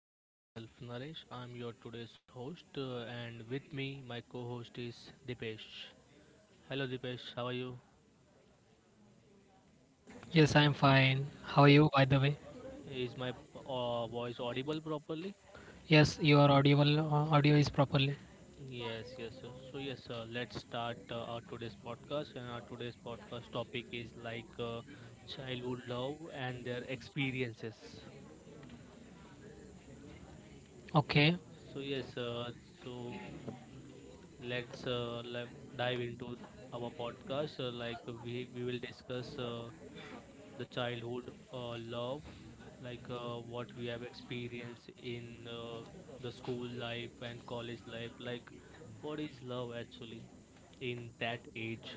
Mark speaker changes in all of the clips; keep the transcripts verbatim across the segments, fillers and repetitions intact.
Speaker 1: so, Myself Naresh, I'm your today's host, uh, and with me, my co host is Dipesh. Hello, Dipesh, how are you?
Speaker 2: Yes, I'm fine. How are you, by the way?
Speaker 1: Is my uh, voice audible properly?
Speaker 2: Yes, your audible uh, audio is properly.
Speaker 1: Yes, yes, yes. So, yes, uh, let's start uh, our today's podcast. And our today's podcast topic is like uh, childhood love and their experiences.
Speaker 2: Okay.
Speaker 1: So yes, uh, so let's uh, le- dive into our podcast. Uh, like uh, we we will discuss uh, the childhood uh, love, like uh, what we have experienced in uh, the school life and college life. Like what is love actually in that age?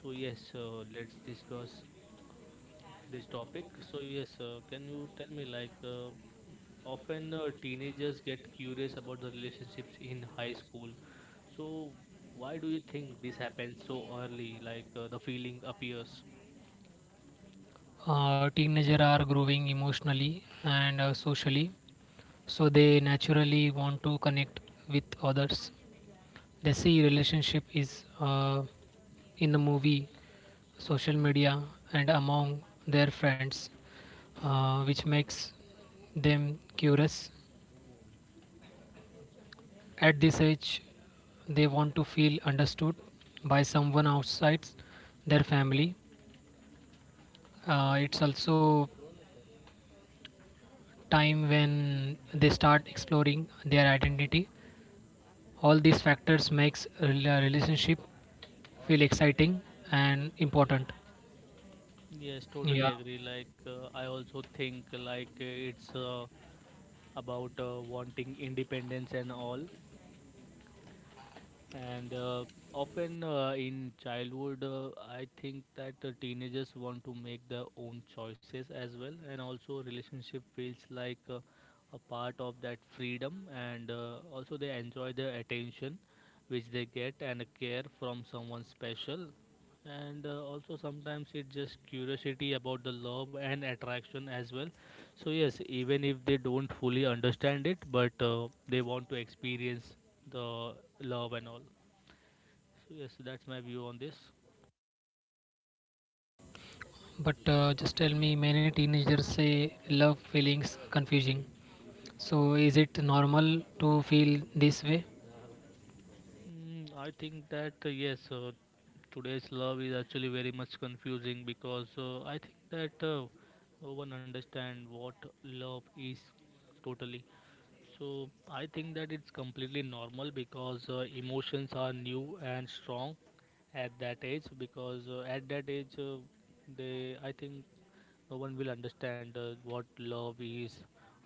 Speaker 1: So yes, uh, let's discuss this topic. So yes, uh, can you tell me like uh, often uh, teenagers get curious about the relationships in high school. So why do you think this happens so early? Like uh, the feeling appears.
Speaker 2: Uh, teenagers are growing emotionally and uh, socially, so they naturally want to connect with others. They see relationship is uh, in the movie, social media, and among their friends, uh, which makes them curious. At this age, they want to feel understood by someone outside their family. Uh, it's also time when they start exploring their identity. All these factors makes a rela- relationship feel exciting and important.
Speaker 1: Yes, totally
Speaker 2: Yeah,
Speaker 1: agree. Like uh, I also think like uh, it's uh, about uh, wanting independence and all. And uh, often uh, in childhood, uh, I think that uh, teenagers want to make their own choices as well, and also relationship feels like uh, a part of that freedom, and uh, also they enjoy the attention which they get and care from someone special, and uh, also sometimes it's just curiosity about the love and attraction as well. So yes, even if they don't fully understand it, but uh, they want to experience the love and all. So yes, that's my view on this.
Speaker 2: but uh, just tell me, many teenagers say love feelings confusing. So is it normal to feel this way?
Speaker 1: Mm, I think that uh, yes, uh, today's love is actually very much confusing because uh, I think that uh, no one understand what love is totally. So I think that it's completely normal because uh, emotions are new and strong at that age. Because uh, at that age, uh, they, I think, no one will understand uh, what love is.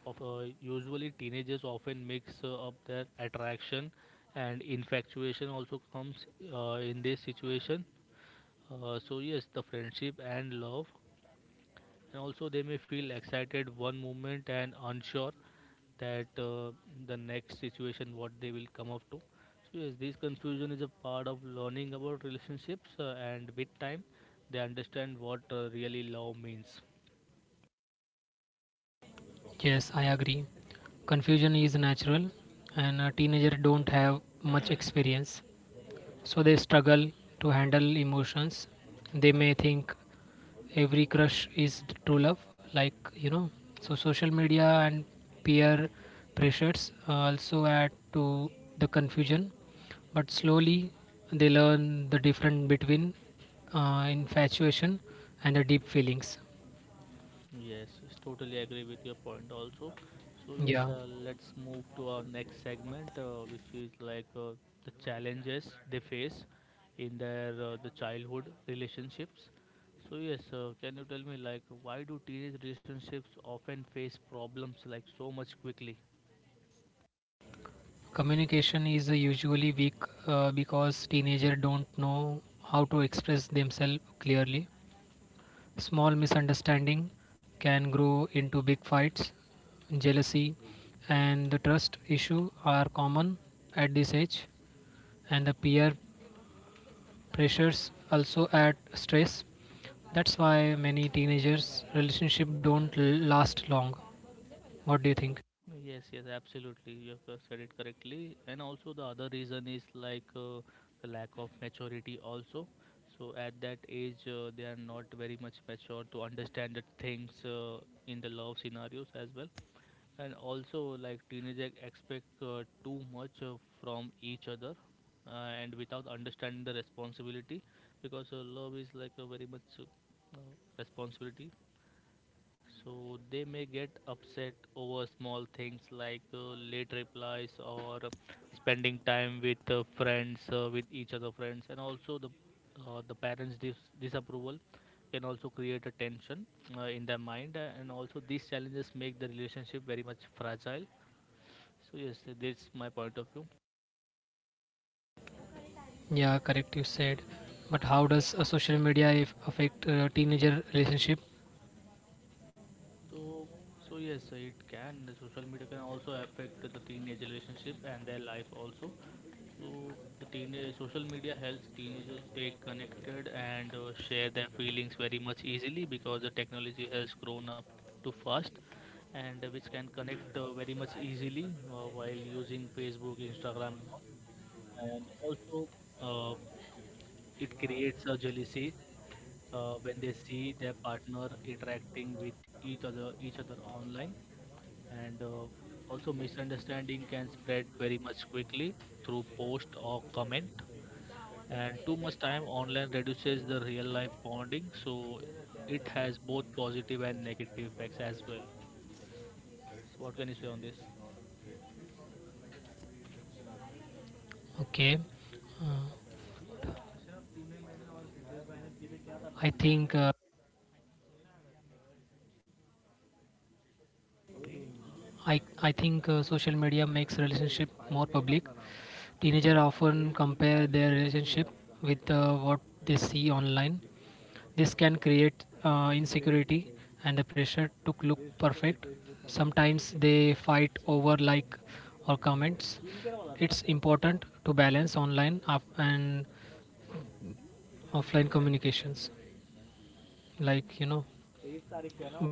Speaker 1: Of uh, usually teenagers often mix uh, up their attraction and infatuation also comes uh, in this situation. Uh, so yes, the friendship and love and also they may feel excited one moment and unsure that uh, the next situation what they will come up to. So yes, this confusion is a part of learning about relationships, uh, and with time they understand what uh, really love means.
Speaker 2: Yes, I agree. Confusion is natural, and uh, teenagers don't have much experience, so they struggle to handle emotions. They may think every crush is the true love, like you know. So social media and peer pressures uh, also add to the confusion, but slowly they learn the difference between uh, infatuation and the deep feelings.
Speaker 1: Yes, yes, totally agree with your point also. So yes,
Speaker 2: Yeah.
Speaker 1: uh, let's move to our next segment, uh, which is like uh, the challenges they face in their uh, the childhood relationships. So yes, uh, can you tell me like why do teenage relationships often face problems like so much quickly?
Speaker 2: Communication is uh, usually weak uh, because teenagers don't know how to express themselves clearly. Small misunderstanding can grow into big fights. Jealousy and the trust issue are common at this age, and the peer pressures also add stress. That's why many teenagers' relationship don't l- last long. What do you think?
Speaker 1: Yes, yes, absolutely. You have uh, said it correctly. And also, the other reason is like uh, the lack of maturity, also. So, at that age, uh, they are not very much mature to understand the things uh, in the love scenarios as well. And also, like teenagers expect uh, too much uh, from each other uh, and without understanding the responsibility because uh, love is like a very much uh, uh, responsibility, so they may get upset over small things like uh, late replies or spending time with uh, friends, uh, with each other friends, and also the uh, the parents' dis- disapproval can also create a tension uh, in their mind, and also these challenges make the relationship very much fragile. So yes, that's my point of view.
Speaker 2: Yeah, correct. You said. But how does uh, social media if affect uh, teenager relationship?
Speaker 1: So, so yes, it can. The Social media can also affect the teenage relationship and their life also. So, the teenage social media helps teenagers stay connected and uh, share their feelings very much easily because the technology has grown up too fast, and uh, which can connect uh, very much easily uh, while using Facebook, Instagram, and all. And also uh, it creates a jealousy uh, when they see their partner interacting with each other each other online, and uh, also misunderstanding can spread very much quickly through post or comment, and too much time online reduces the real life bonding. So it has both positive and negative effects as well. So what can you say on this?
Speaker 2: Okay, uh, I think uh, I I think uh, social media makes relationship more public. Teenager often compare their relationship with uh, what they see online. This can create uh, insecurity and the pressure to look perfect. Sometimes they fight over like or comments. It's important to balance online up and offline communications, like you know.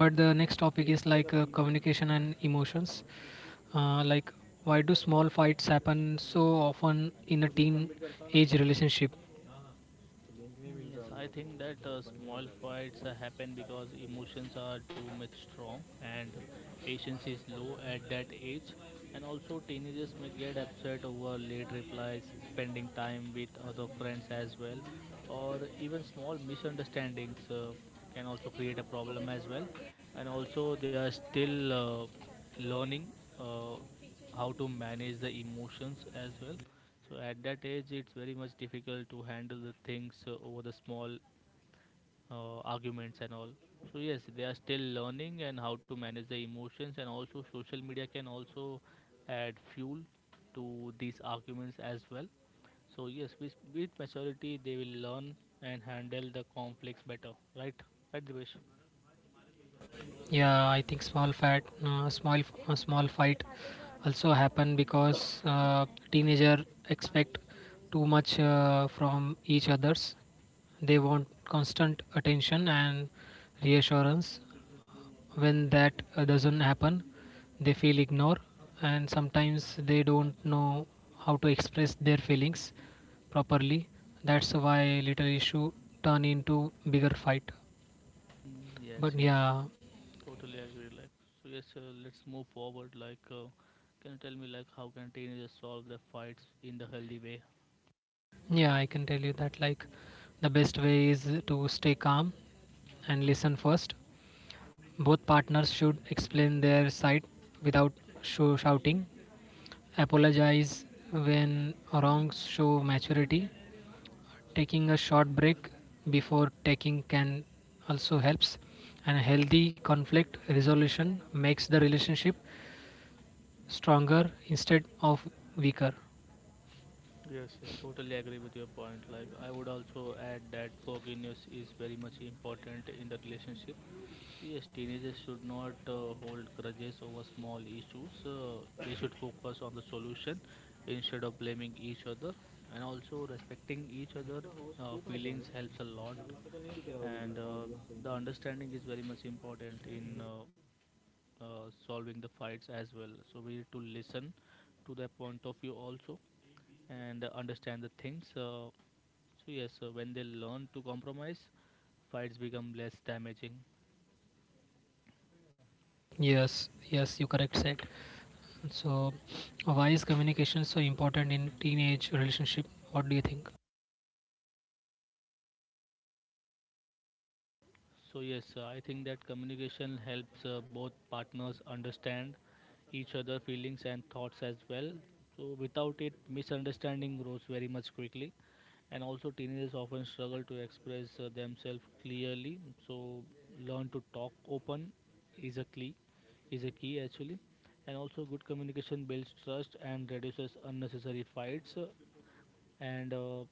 Speaker 2: But the next topic is like uh, communication and emotions, uh, like why do small fights happen so often in a teen age relationship?
Speaker 1: Mm, Yes, I think that uh, small fights uh, happen because emotions are too much strong and patience is low at that age. And also, teenagers may get upset over late replies, spending time with other friends as well, or even small misunderstandings uh, can also create a problem as well. And also, they are still uh, learning uh, how to manage the emotions as well, so at that age, it's very much difficult to handle the things uh, over the small uh, arguments and all. So yes, they are still learning and how to manage the emotions, and also social media can also add fuel to these arguments as well. So yes, with, with maturity, they will learn and handle the conflicts better, right? Right, Divesh?
Speaker 2: Yeah, I think small fight uh, small uh, small fight also happen because uh, teenager expect too much uh, from each others. They want constant attention and reassurance. When that uh, doesn't happen, they feel ignored, and sometimes they don't know how to express their feelings properly. That's why little issue turn into bigger fight.
Speaker 1: Yes,
Speaker 2: But
Speaker 1: yes,
Speaker 2: yeah,
Speaker 1: totally agree. Like, so yes, uh, let's move forward. Like, uh, can you tell me like how can teenagers solve the fights in the healthy way?
Speaker 2: yeah, I can tell you that, like, the best way is to stay calm and listen first. Both partners should explain their side without show shouting. Apologize when wrongs show maturity. Taking a short break before taking can also helps, and a healthy conflict resolution makes the relationship stronger instead of weaker.
Speaker 1: Yes, yes, totally agree with your point. Like, I would also add that forgiveness is very much important in the relationship. So, yes, teenagers should not uh, hold grudges over small issues. Uh, they should focus on the solution instead of blaming each other. And also, respecting each other' uh, feelings helps a lot. And uh, the understanding is very much important in uh, uh, solving the fights as well. So we need to listen to their point of view also and uh, understand the things. Uh, so yes, uh, when they learn to compromise, fights become less damaging.
Speaker 2: Yes, yes, you correct said. So why is communication so important in teenage relationship? What do you think?
Speaker 1: So yes, uh, I think that communication helps uh, both partners understand each other feelings and thoughts as well. So without it, misunderstanding grows very much quickly, and also teenagers often struggle to express uh, themselves clearly. So learn to talk open is a key, is a key actually, and also good communication builds trust and reduces unnecessary fights, and uh,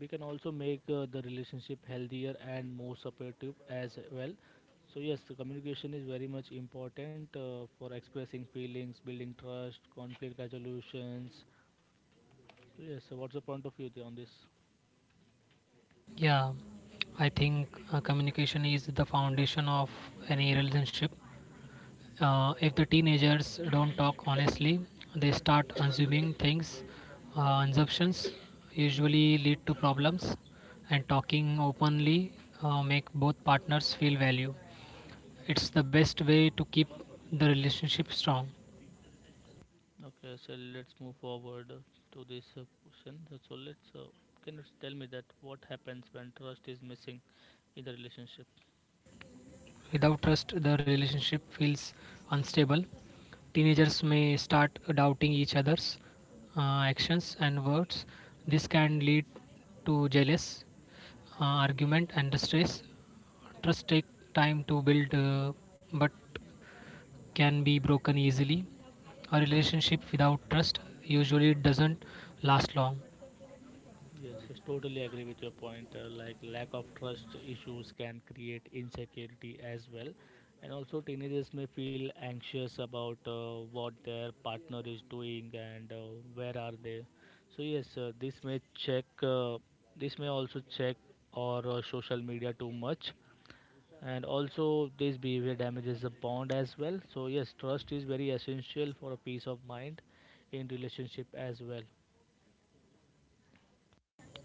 Speaker 1: we can also make uh, the relationship healthier and more supportive as well. So yes, the communication is very much important uh, for expressing feelings, building trust, conflict resolutions. So yes, so what's the point of view there on this?
Speaker 2: Yeah, I think uh, communication is the foundation of any relationship. Uh, if the teenagers don't talk honestly, they start assuming things. Uh, assumptions usually lead to problems, and talking openly uh, make both partners feel value. It's the best way to keep the relationship strong.
Speaker 1: Okay, so let's move forward uh, to this uh, question. Uh, So let's uh, can you tell me that what happens when trust is missing in the relationship?
Speaker 2: Without trust, the relationship feels unstable. Teenagers may start doubting each other's uh, actions and words. This can lead to jealous uh, argument and stress. Trust take time to build, uh, but can be broken easily. A relationship without trust usually doesn't last long.
Speaker 1: Yes, yes, totally agree with your point. Uh, like lack of trust issues can create insecurity as well, and also teenagers may feel anxious about uh, what their partner is doing and uh, where are they. So yes, uh, this may check. Uh, this may also check or uh, social media too much, and also this behavior damages the bond as well. So yes, trust is very essential for a peace of mind in relationship as well.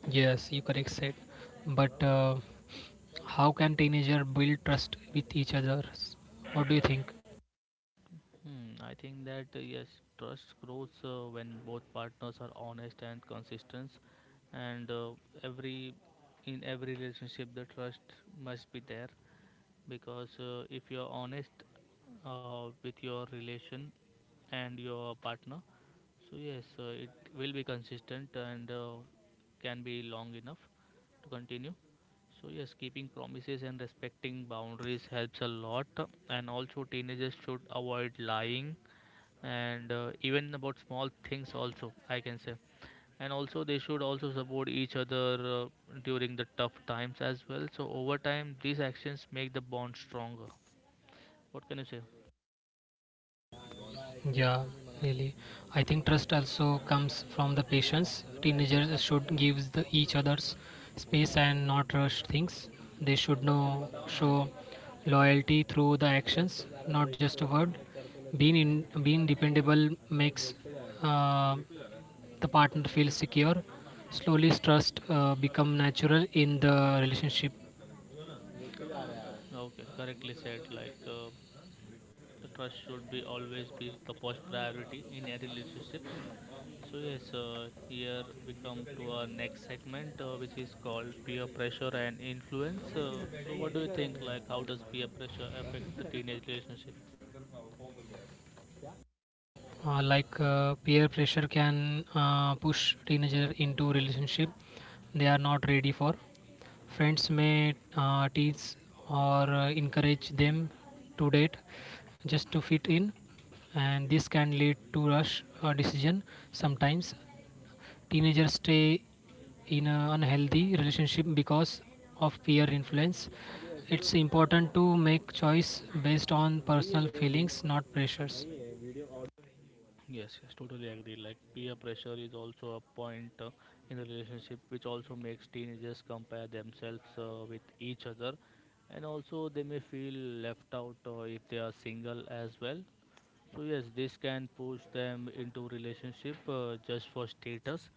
Speaker 2: Yes, you correct said, but. Uh, How can teenager build trust with each other? What do you think?
Speaker 1: Hmm, I think that uh, yes, trust grows uh, when both partners are honest and consistent, and uh, every in every relationship the trust must be there because uh, if you are honest uh, with your relation and your partner, so yes, uh, it will be consistent and uh, can be long enough to continue. So yes, keeping promises and respecting boundaries helps a lot, and also teenagers should avoid lying and uh, even about small things also I can say, and also they should also support each other uh, during the tough times as well. So over time these actions make the bond stronger. What can you say?
Speaker 2: Yeah, really. I think trust also comes from the patience. Teenagers should give the each others space and not rush things. They should know show loyalty through the actions, not just a word. Being in, being dependable makes uh, the partner feel secure. Slowly, trust uh, become natural in the relationship.
Speaker 1: Okay, correctly said. Like uh, the trust should be always be the first priority in a relationship. So yes, uh, here we come to our next segment, uh, which is called peer pressure and influence. Uh, so what do you think, like how does peer pressure affect the teenage relationship?
Speaker 2: Uh, like uh, peer pressure can uh, push teenager into relationship they are not ready for. Friends may uh, tease or uh, encourage them to date just to fit in, and this can lead to rush uh, decision. Sometimes teenagers stay in an unhealthy relationship because of peer influence. It's important to make choice based on personal feelings, not pressures.
Speaker 1: Yes, yes, totally agree. Like peer pressure is also a point uh, in the relationship, which also makes teenagers compare themselves uh, with each other, and also they may feel left out uh, if they are single as well. So yes, this can push them into relationship uh, just for status,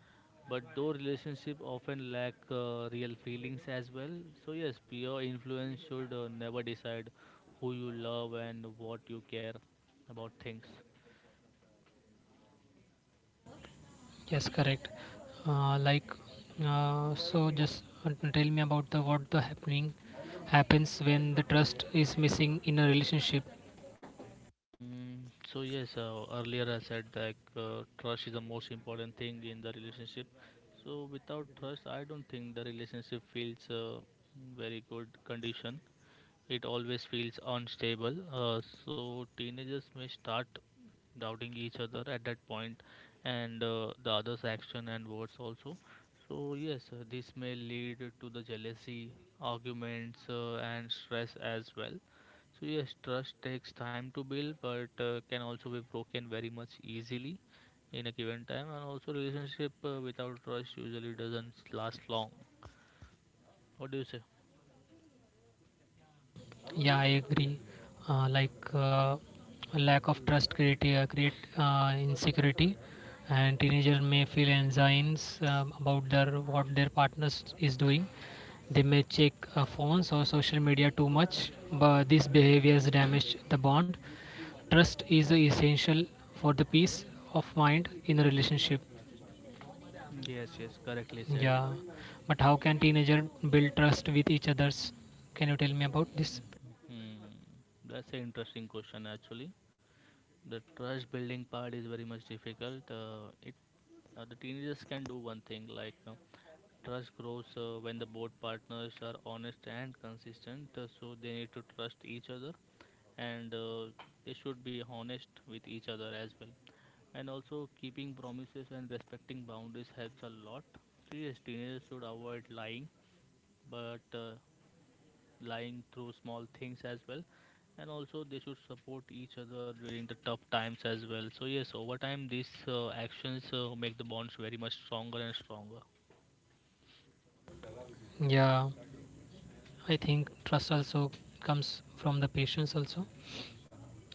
Speaker 1: but though relationship often lack uh, real feelings as well. So yes, peer influence should uh, never decide who you love and what you care about things.
Speaker 2: Yes, correct. Uh, like, uh, so just uh, tell me about the what the happening happens when the trust is missing in a relationship.
Speaker 1: Mm, so yes, uh, earlier I said that uh, trust is the most important thing in the relationship. So without trust, I don't think the relationship feels uh, very good condition. It always feels unstable, uh, so teenagers may start doubting each other at that point and uh, the other's action and words also. So, yes, uh, this may lead to the jealousy, arguments, uh, and stress as well. So, yes, trust takes time to build, but uh, can also be broken very much easily in a given time, and also, relationship uh, without trust usually doesn't last long. What do you say?
Speaker 2: Yeah, I agree. Uh, like uh, a lack of trust create uh, create uh, insecurity, and teenager may feel anxieties um, about their what their partners is doing. They may check uh, phones or social media too much, but these behaviors damage the bond. Trust is essential for the peace of mind in a relationship.
Speaker 1: Yes, yes, correctly said.
Speaker 2: Yeah, but how can teenager build trust with each others? Can you tell me about this?
Speaker 1: Hmm. That's an interesting question, actually. The trust building part is very much difficult. Uh, it uh, the teenagers can do one thing like uh, trust grows uh, when the both partners are honest and consistent. Uh, so they need to trust each other, and uh, they should be honest with each other as well. And also keeping promises and respecting boundaries helps a lot. So yes, teenagers should avoid lying, but uh, lying through small things as well, and also they should support each other during the tough times as well. So yes, over time these uh, actions uh, make the bonds very much stronger and stronger.
Speaker 2: Yeah. I think trust also comes from the patience also.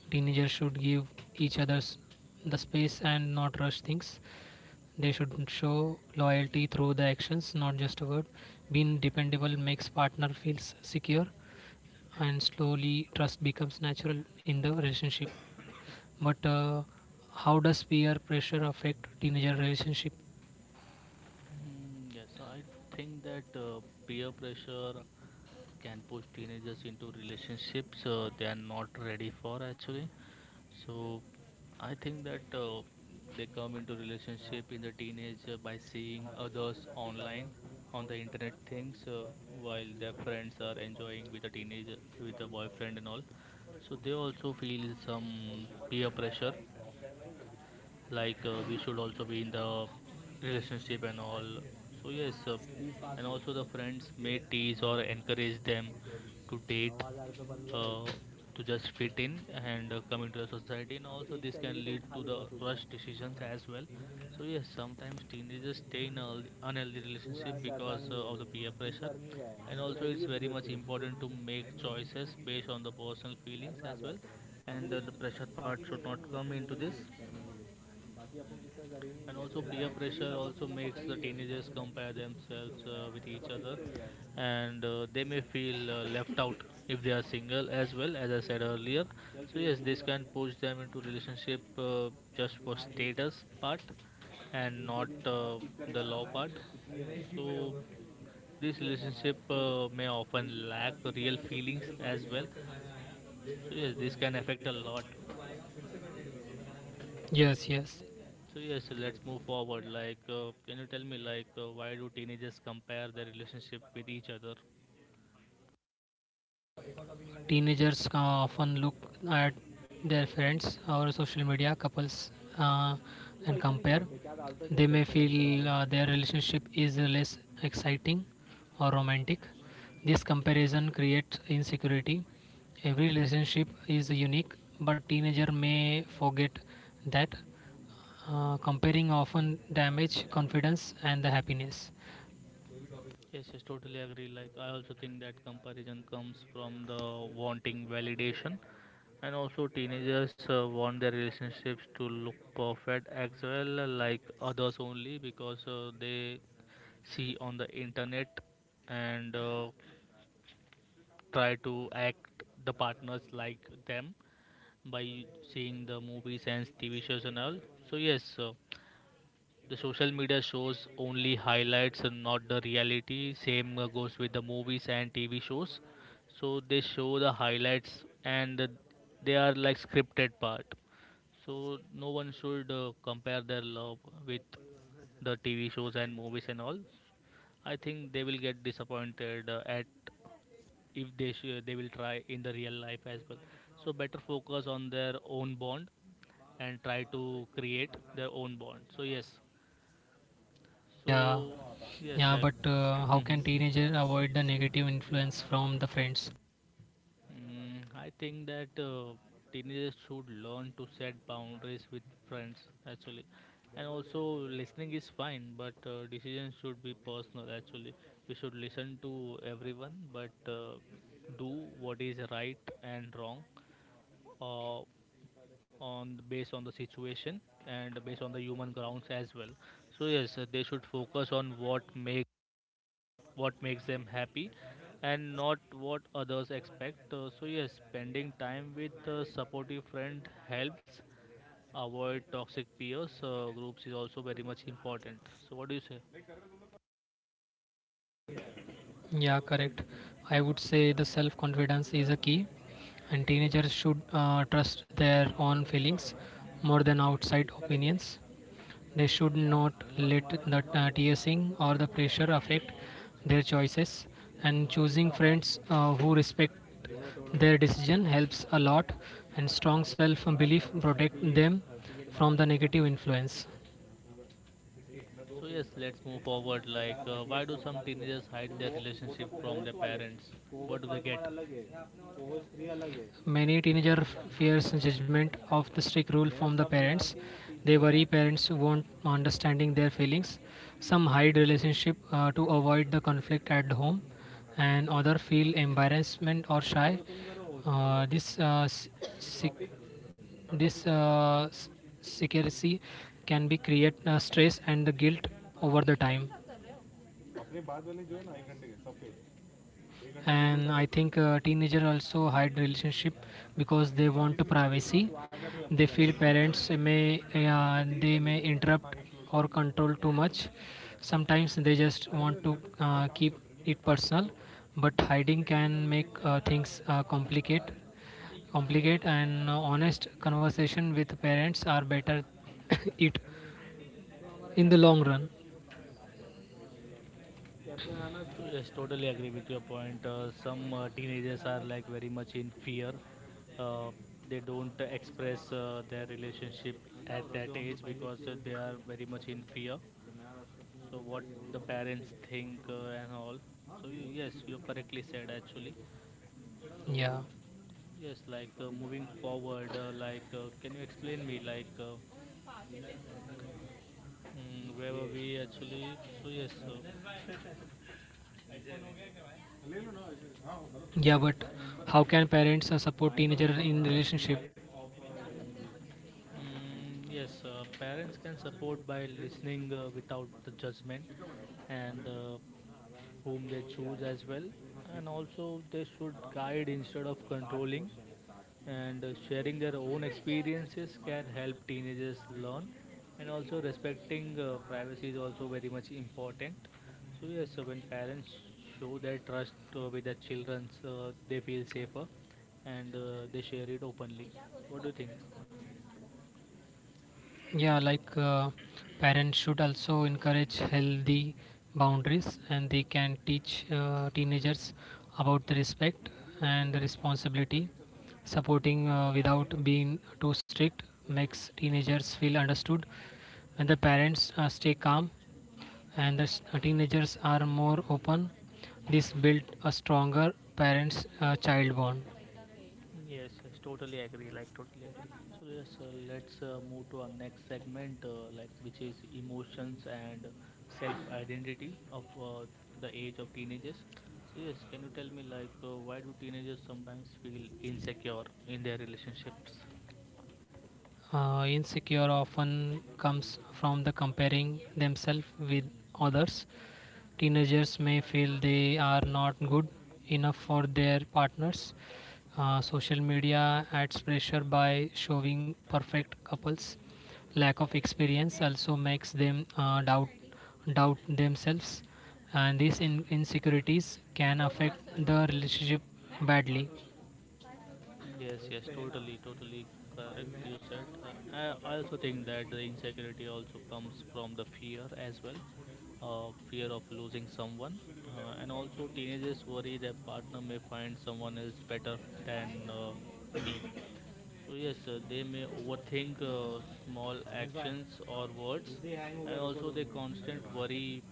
Speaker 2: Teenagers should give each others the space and not rush things. They should show loyalty through the actions, not just a word. Being dependable makes partner feels secure, and slowly trust becomes natural in the relationship. But uh, how does peer pressure affect teenager relationship?
Speaker 1: Hmm, yes, I think that uh, peer pressure can push teenagers into relationships uh, they are not ready for actually. So I think that uh, they come into relationship in the teenage uh, by seeing others online, on the internet things, uh, while their friends are enjoying with a teenager with a boyfriend and all. So they also feel some peer pressure, like uh, we should also be in the relationship and all. So yes, uh, and also the friends may tease or encourage them to date, uh, to just fit in and uh, come into the society, and also this can lead to the rush decisions as well. So yes, sometimes teenagers stay in a unhealthy relationship because uh, of the peer pressure, and also it's very much important to make choices based on the personal feelings as well, and uh, the pressure part should not come into this. And also peer pressure also makes the teenagers compare themselves uh, with each other, and uh, they may feel uh, left out if they are single, as well as I said earlier. So yes, this can push them into relationship, uh, just for status part and not uh, the law part. So this relationship uh, may often lack real feelings as well. So yes, this can affect a lot.
Speaker 2: Yes, yes.
Speaker 1: So yes, let's move forward. Like, uh, can you tell me like uh, why do teenagers compare their relationship with each other?
Speaker 2: Teenagers uh, often look at their friends or social media couples uh, and compare. They may feel uh, their relationship is less exciting or romantic. This comparison creates insecurity. Every relationship is unique, but teenager may forget that uh, comparing often damage confidence and the happiness.
Speaker 1: Yes, yes, totally agree. Like, I also think that comparison comes from the wanting validation, and also teenagers uh, want their relationships to look perfect as well, uh, like others, only because uh, they see on the internet, and uh, try to act the partners like them by seeing the movies and T V shows and all. So yes, uh, the social media shows only highlights and not the reality. Same uh, goes with the movies and T V shows. So they show the highlights, and uh, they are like scripted part. So no one should uh, compare their love with the T V shows and movies and all. I think they will get disappointed uh, at, if they sh- they will try in the real life as well. So better focus on their own bond and try to create their own bond. So yes,
Speaker 2: Yeah,
Speaker 1: so yes
Speaker 2: yeah,
Speaker 1: like.
Speaker 2: but uh, how
Speaker 1: Mhm.
Speaker 2: can teenager avoid the negative influence from the friends?
Speaker 1: Mm, I think that uh, teenagers should learn to set boundaries with friends actually, and also listening is fine, but uh, decisions should be personal actually. We should listen to everyone, but uh, do what is right and wrong, uh, on based on the situation and based on the human grounds as well. So yes, uh, they should focus on what makes what makes them happy and not what others expect. Uh, so, yes, spending time with a supportive friend helps avoid toxic peers. Uh, groups is also very much important. So, what do you say?
Speaker 2: Yeah, correct. I would say the self confidence is a key, and teenagers should uh, trust their own feelings more than outside opinions. They should not let the uh, teasing or the pressure affect their choices, and choosing friends uh, who respect their decision helps a lot, and strong self belief protect them from the negative influence.
Speaker 1: So, yes, let's move forward. Like, uh, why do some teenagers hide their relationship from their parents? What do they get?
Speaker 2: Many teenager fears judgment of the strict rule from the parents. They worry parents won't understanding their feelings. Some hide relationship uh, to avoid the conflict at home, and other feel embarrassment or shy. Uh, this uh, this uh, s- secrecy can be create uh, stress and the guilt over the time. And I think uh, teenager also hide relationship because they want to privacy. They feel parents may uh, they may interrupt or control too much. Sometimes they just want to uh, keep it personal, but hiding can make uh, things uh, complicate complicate, and uh, honest conversation with parents are better it in the long run.
Speaker 1: So yes, totally agree with your point. Uh, some uh, teenagers are like very much in fear. Uh, they don't express uh, their relationship at that age because uh, they are very much in fear. So what the parents think uh, and all. So you, yes, you correctly said actually. So
Speaker 2: Yeah,
Speaker 1: yes, like uh, moving forward, uh, like uh, can you explain me like uh, mm, where were we actually? So yes. Uh,
Speaker 2: yeah, but how can parents uh, support teenager in relationship?
Speaker 1: Mm, yes, uh, parents can support by listening uh, without the judgment, and uh, whom they choose as well. And also, they should guide instead of controlling. And uh, sharing their own experiences can help teenagers learn. And also, respecting uh, privacy is also very much important. So, yes, so when parents show their trust uh, with their children, uh, they feel safer, and uh, they share it openly. What do you think?
Speaker 2: Yeah, like uh, parents should also encourage healthy boundaries, and they can teach uh, teenagers about the respect and the responsibility. Supporting uh, without being too strict makes teenagers feel understood, and the parents uh, stay calm, and the s- uh, teenagers are more open. This built a stronger parents-child bond.
Speaker 1: Yes, yes, totally agree. Like totally agree. So yes, uh, let's uh, move to our next segment, uh, like which is emotions and self-identity of uh, the age of teenagers. So yes, can you tell me like uh, why do teenagers sometimes feel insecure in their relationships?
Speaker 2: Uh, insecure often comes from the comparing themselves with others. Teenagers may feel they are not good enough for their partners. Uh, social media adds pressure by showing perfect couples. Lack of experience also makes them uh, doubt doubt themselves, and these in- insecurities can affect the relationship badly.
Speaker 1: Yes, yes, totally, totally correct. You said. Uh, I I also think that the insecurity also comes from the fear as well, uh, fear of losing someone, uh, and also teenagers worry their partner may find someone else better than uh, me. So, yes, uh, they may overthink uh, small actions or words, and also their constant worry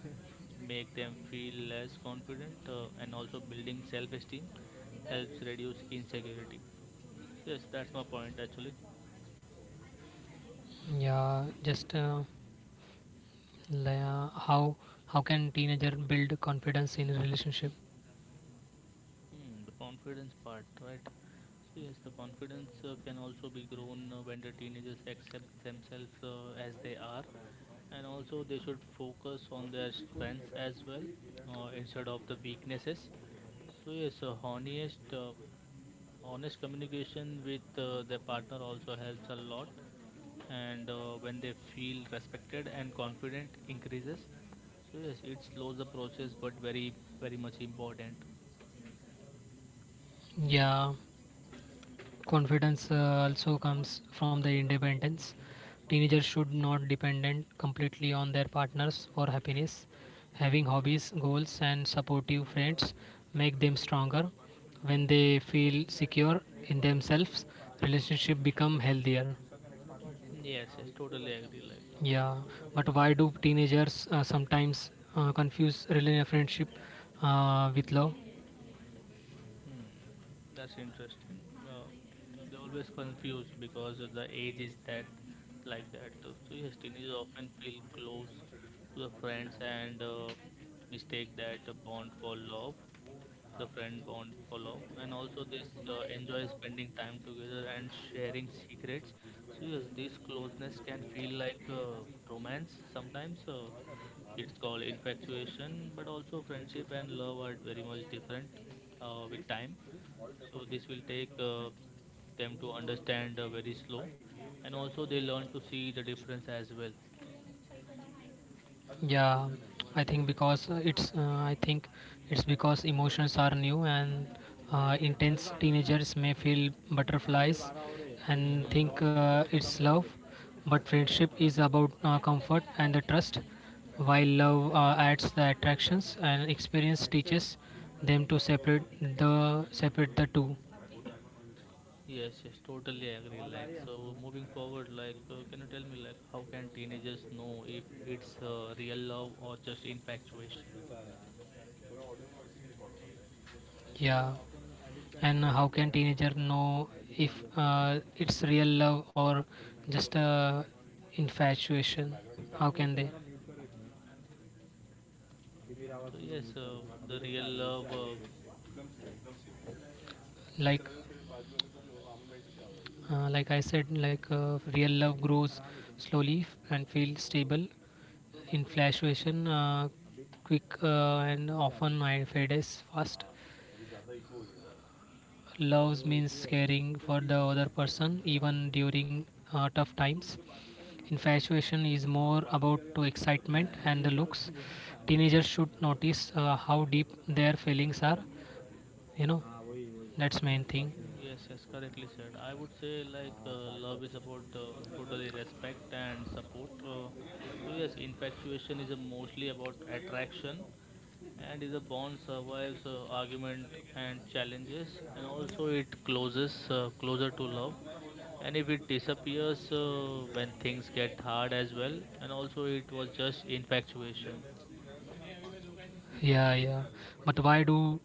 Speaker 1: make them feel less confident, uh, and also building self esteem helps reduce insecurity. Yes, that's my point actually.
Speaker 2: Yeah, just uh, Yeah, how how can teenager build confidence in relationship?
Speaker 1: Hmm, the confidence part, right? So yes, the confidence uh, can also be grown uh, when the teenagers accept themselves uh, as they are, and also they should focus on their strengths as well, uh, instead of the weaknesses. So yes, uh, honest, uh, honest communication with uh, their partner also helps a lot, and uh, when they feel respected and confident increases. So yes, it slows the process, but very, very much important.
Speaker 2: Yeah, confidence uh, also comes from the independence. Teenagers should not dependent completely on their partners for happiness. Having hobbies, goals, and supportive friends make them stronger. When they feel secure in themselves, relationship become healthier.
Speaker 1: Yes, yes, totally agree. Like,
Speaker 2: Yeah,
Speaker 1: oh.
Speaker 2: but why do teenagers uh, sometimes uh, confuse relationship friendship uh, with love?
Speaker 1: hmm, that's interesting. Uh, they always confused because of the age is that, like that. So so yes, teenagers often feel close to the friends and uh, mistake that a bond for love. The friend bond for love. And also this uh, enjoy spending time together and sharing secrets. So yes, this closeness can feel like uh, romance sometimes, uh, it's called infatuation. But also friendship and love are very much different uh, with time. So this will take uh, them to understand uh, very slow, and also they learn to see the difference as well.
Speaker 2: Yeah, I think because uh, it's uh, I think it's because emotions are new and uh, intense. Teenagers may feel butterflies and think
Speaker 1: Mhm.
Speaker 2: uh, it's love, but friendship is about uh, comfort and the trust, while love uh, adds the attractions, and experience teaches them to separate the separate the two.
Speaker 1: Yes, yes, totally agree. Like, so moving forward, like, uh, can you tell me, like, how can teenagers know if it's uh, real love or just infatuation?
Speaker 2: Yeah. And how can teenager know if uh, it's real love or just uh, infatuation? How can they,
Speaker 1: So, yes, uh, the real love, uh,
Speaker 2: like uh, like I said, like uh, real love grows slowly and feels stable. Infatuation uh, quick uh, and often I fades fast. Love means caring for the other person even during uh, tough times. Infatuation is more about to excitement and the looks. Teenagers should notice uh, how deep their feelings are. You know, that's main thing.
Speaker 1: yes, yes, correctly said. I would say, like, uh, love is about uh, totally respect and support. Uh, so, yes, infatuation is uh, mostly about attraction, and is a bond survives uh, argument and challenges, and also it closes uh, closer to love. And if it disappears uh, when things get hard as well, and also it was just infatuation.
Speaker 2: Yeah, yeah. But why do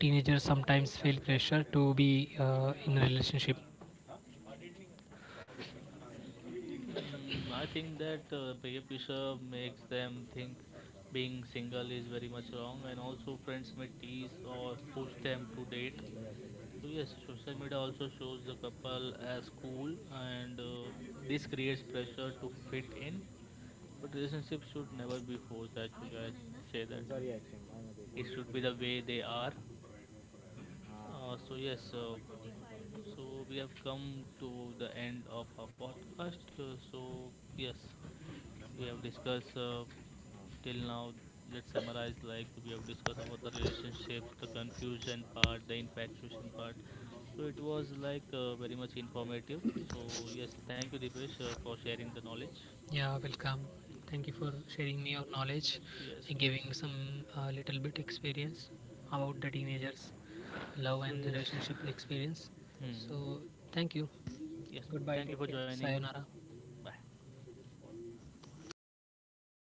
Speaker 2: teenagers sometimes feel pressure to be uh, in a relationship?
Speaker 1: mm, I think that uh, peer pressure makes them think being single is very much wrong, and also friends may tease or push them to date. So yes, social media also shows the couple as cool, and uh, this creates pressure to fit in. But relationships should never be forced actually. I say that it should be the way they are. uh, so yes uh, So we have come to the end of our podcast. Uh, So yes, we have discussed uh, till now. Let's summarize. Like we have discussed about the relationships, the confusion part, the infatuation part. So it was like uh, very much informative. So yes, thank you, Dipesh, uh, for sharing the knowledge.
Speaker 2: Yeah, welcome. Thank you for sharing me your knowledge
Speaker 1: Yes,
Speaker 2: and
Speaker 1: yes.
Speaker 2: giving some uh, little bit experience about the teenagers' love
Speaker 1: So
Speaker 2: and
Speaker 1: yes.
Speaker 2: relationship experience.
Speaker 1: Hmm.
Speaker 2: So, thank you.
Speaker 1: Yes.
Speaker 2: Goodbye.
Speaker 1: Thank you
Speaker 2: Take
Speaker 1: for
Speaker 2: care.
Speaker 1: joining.
Speaker 2: Sayonara.
Speaker 1: Bye.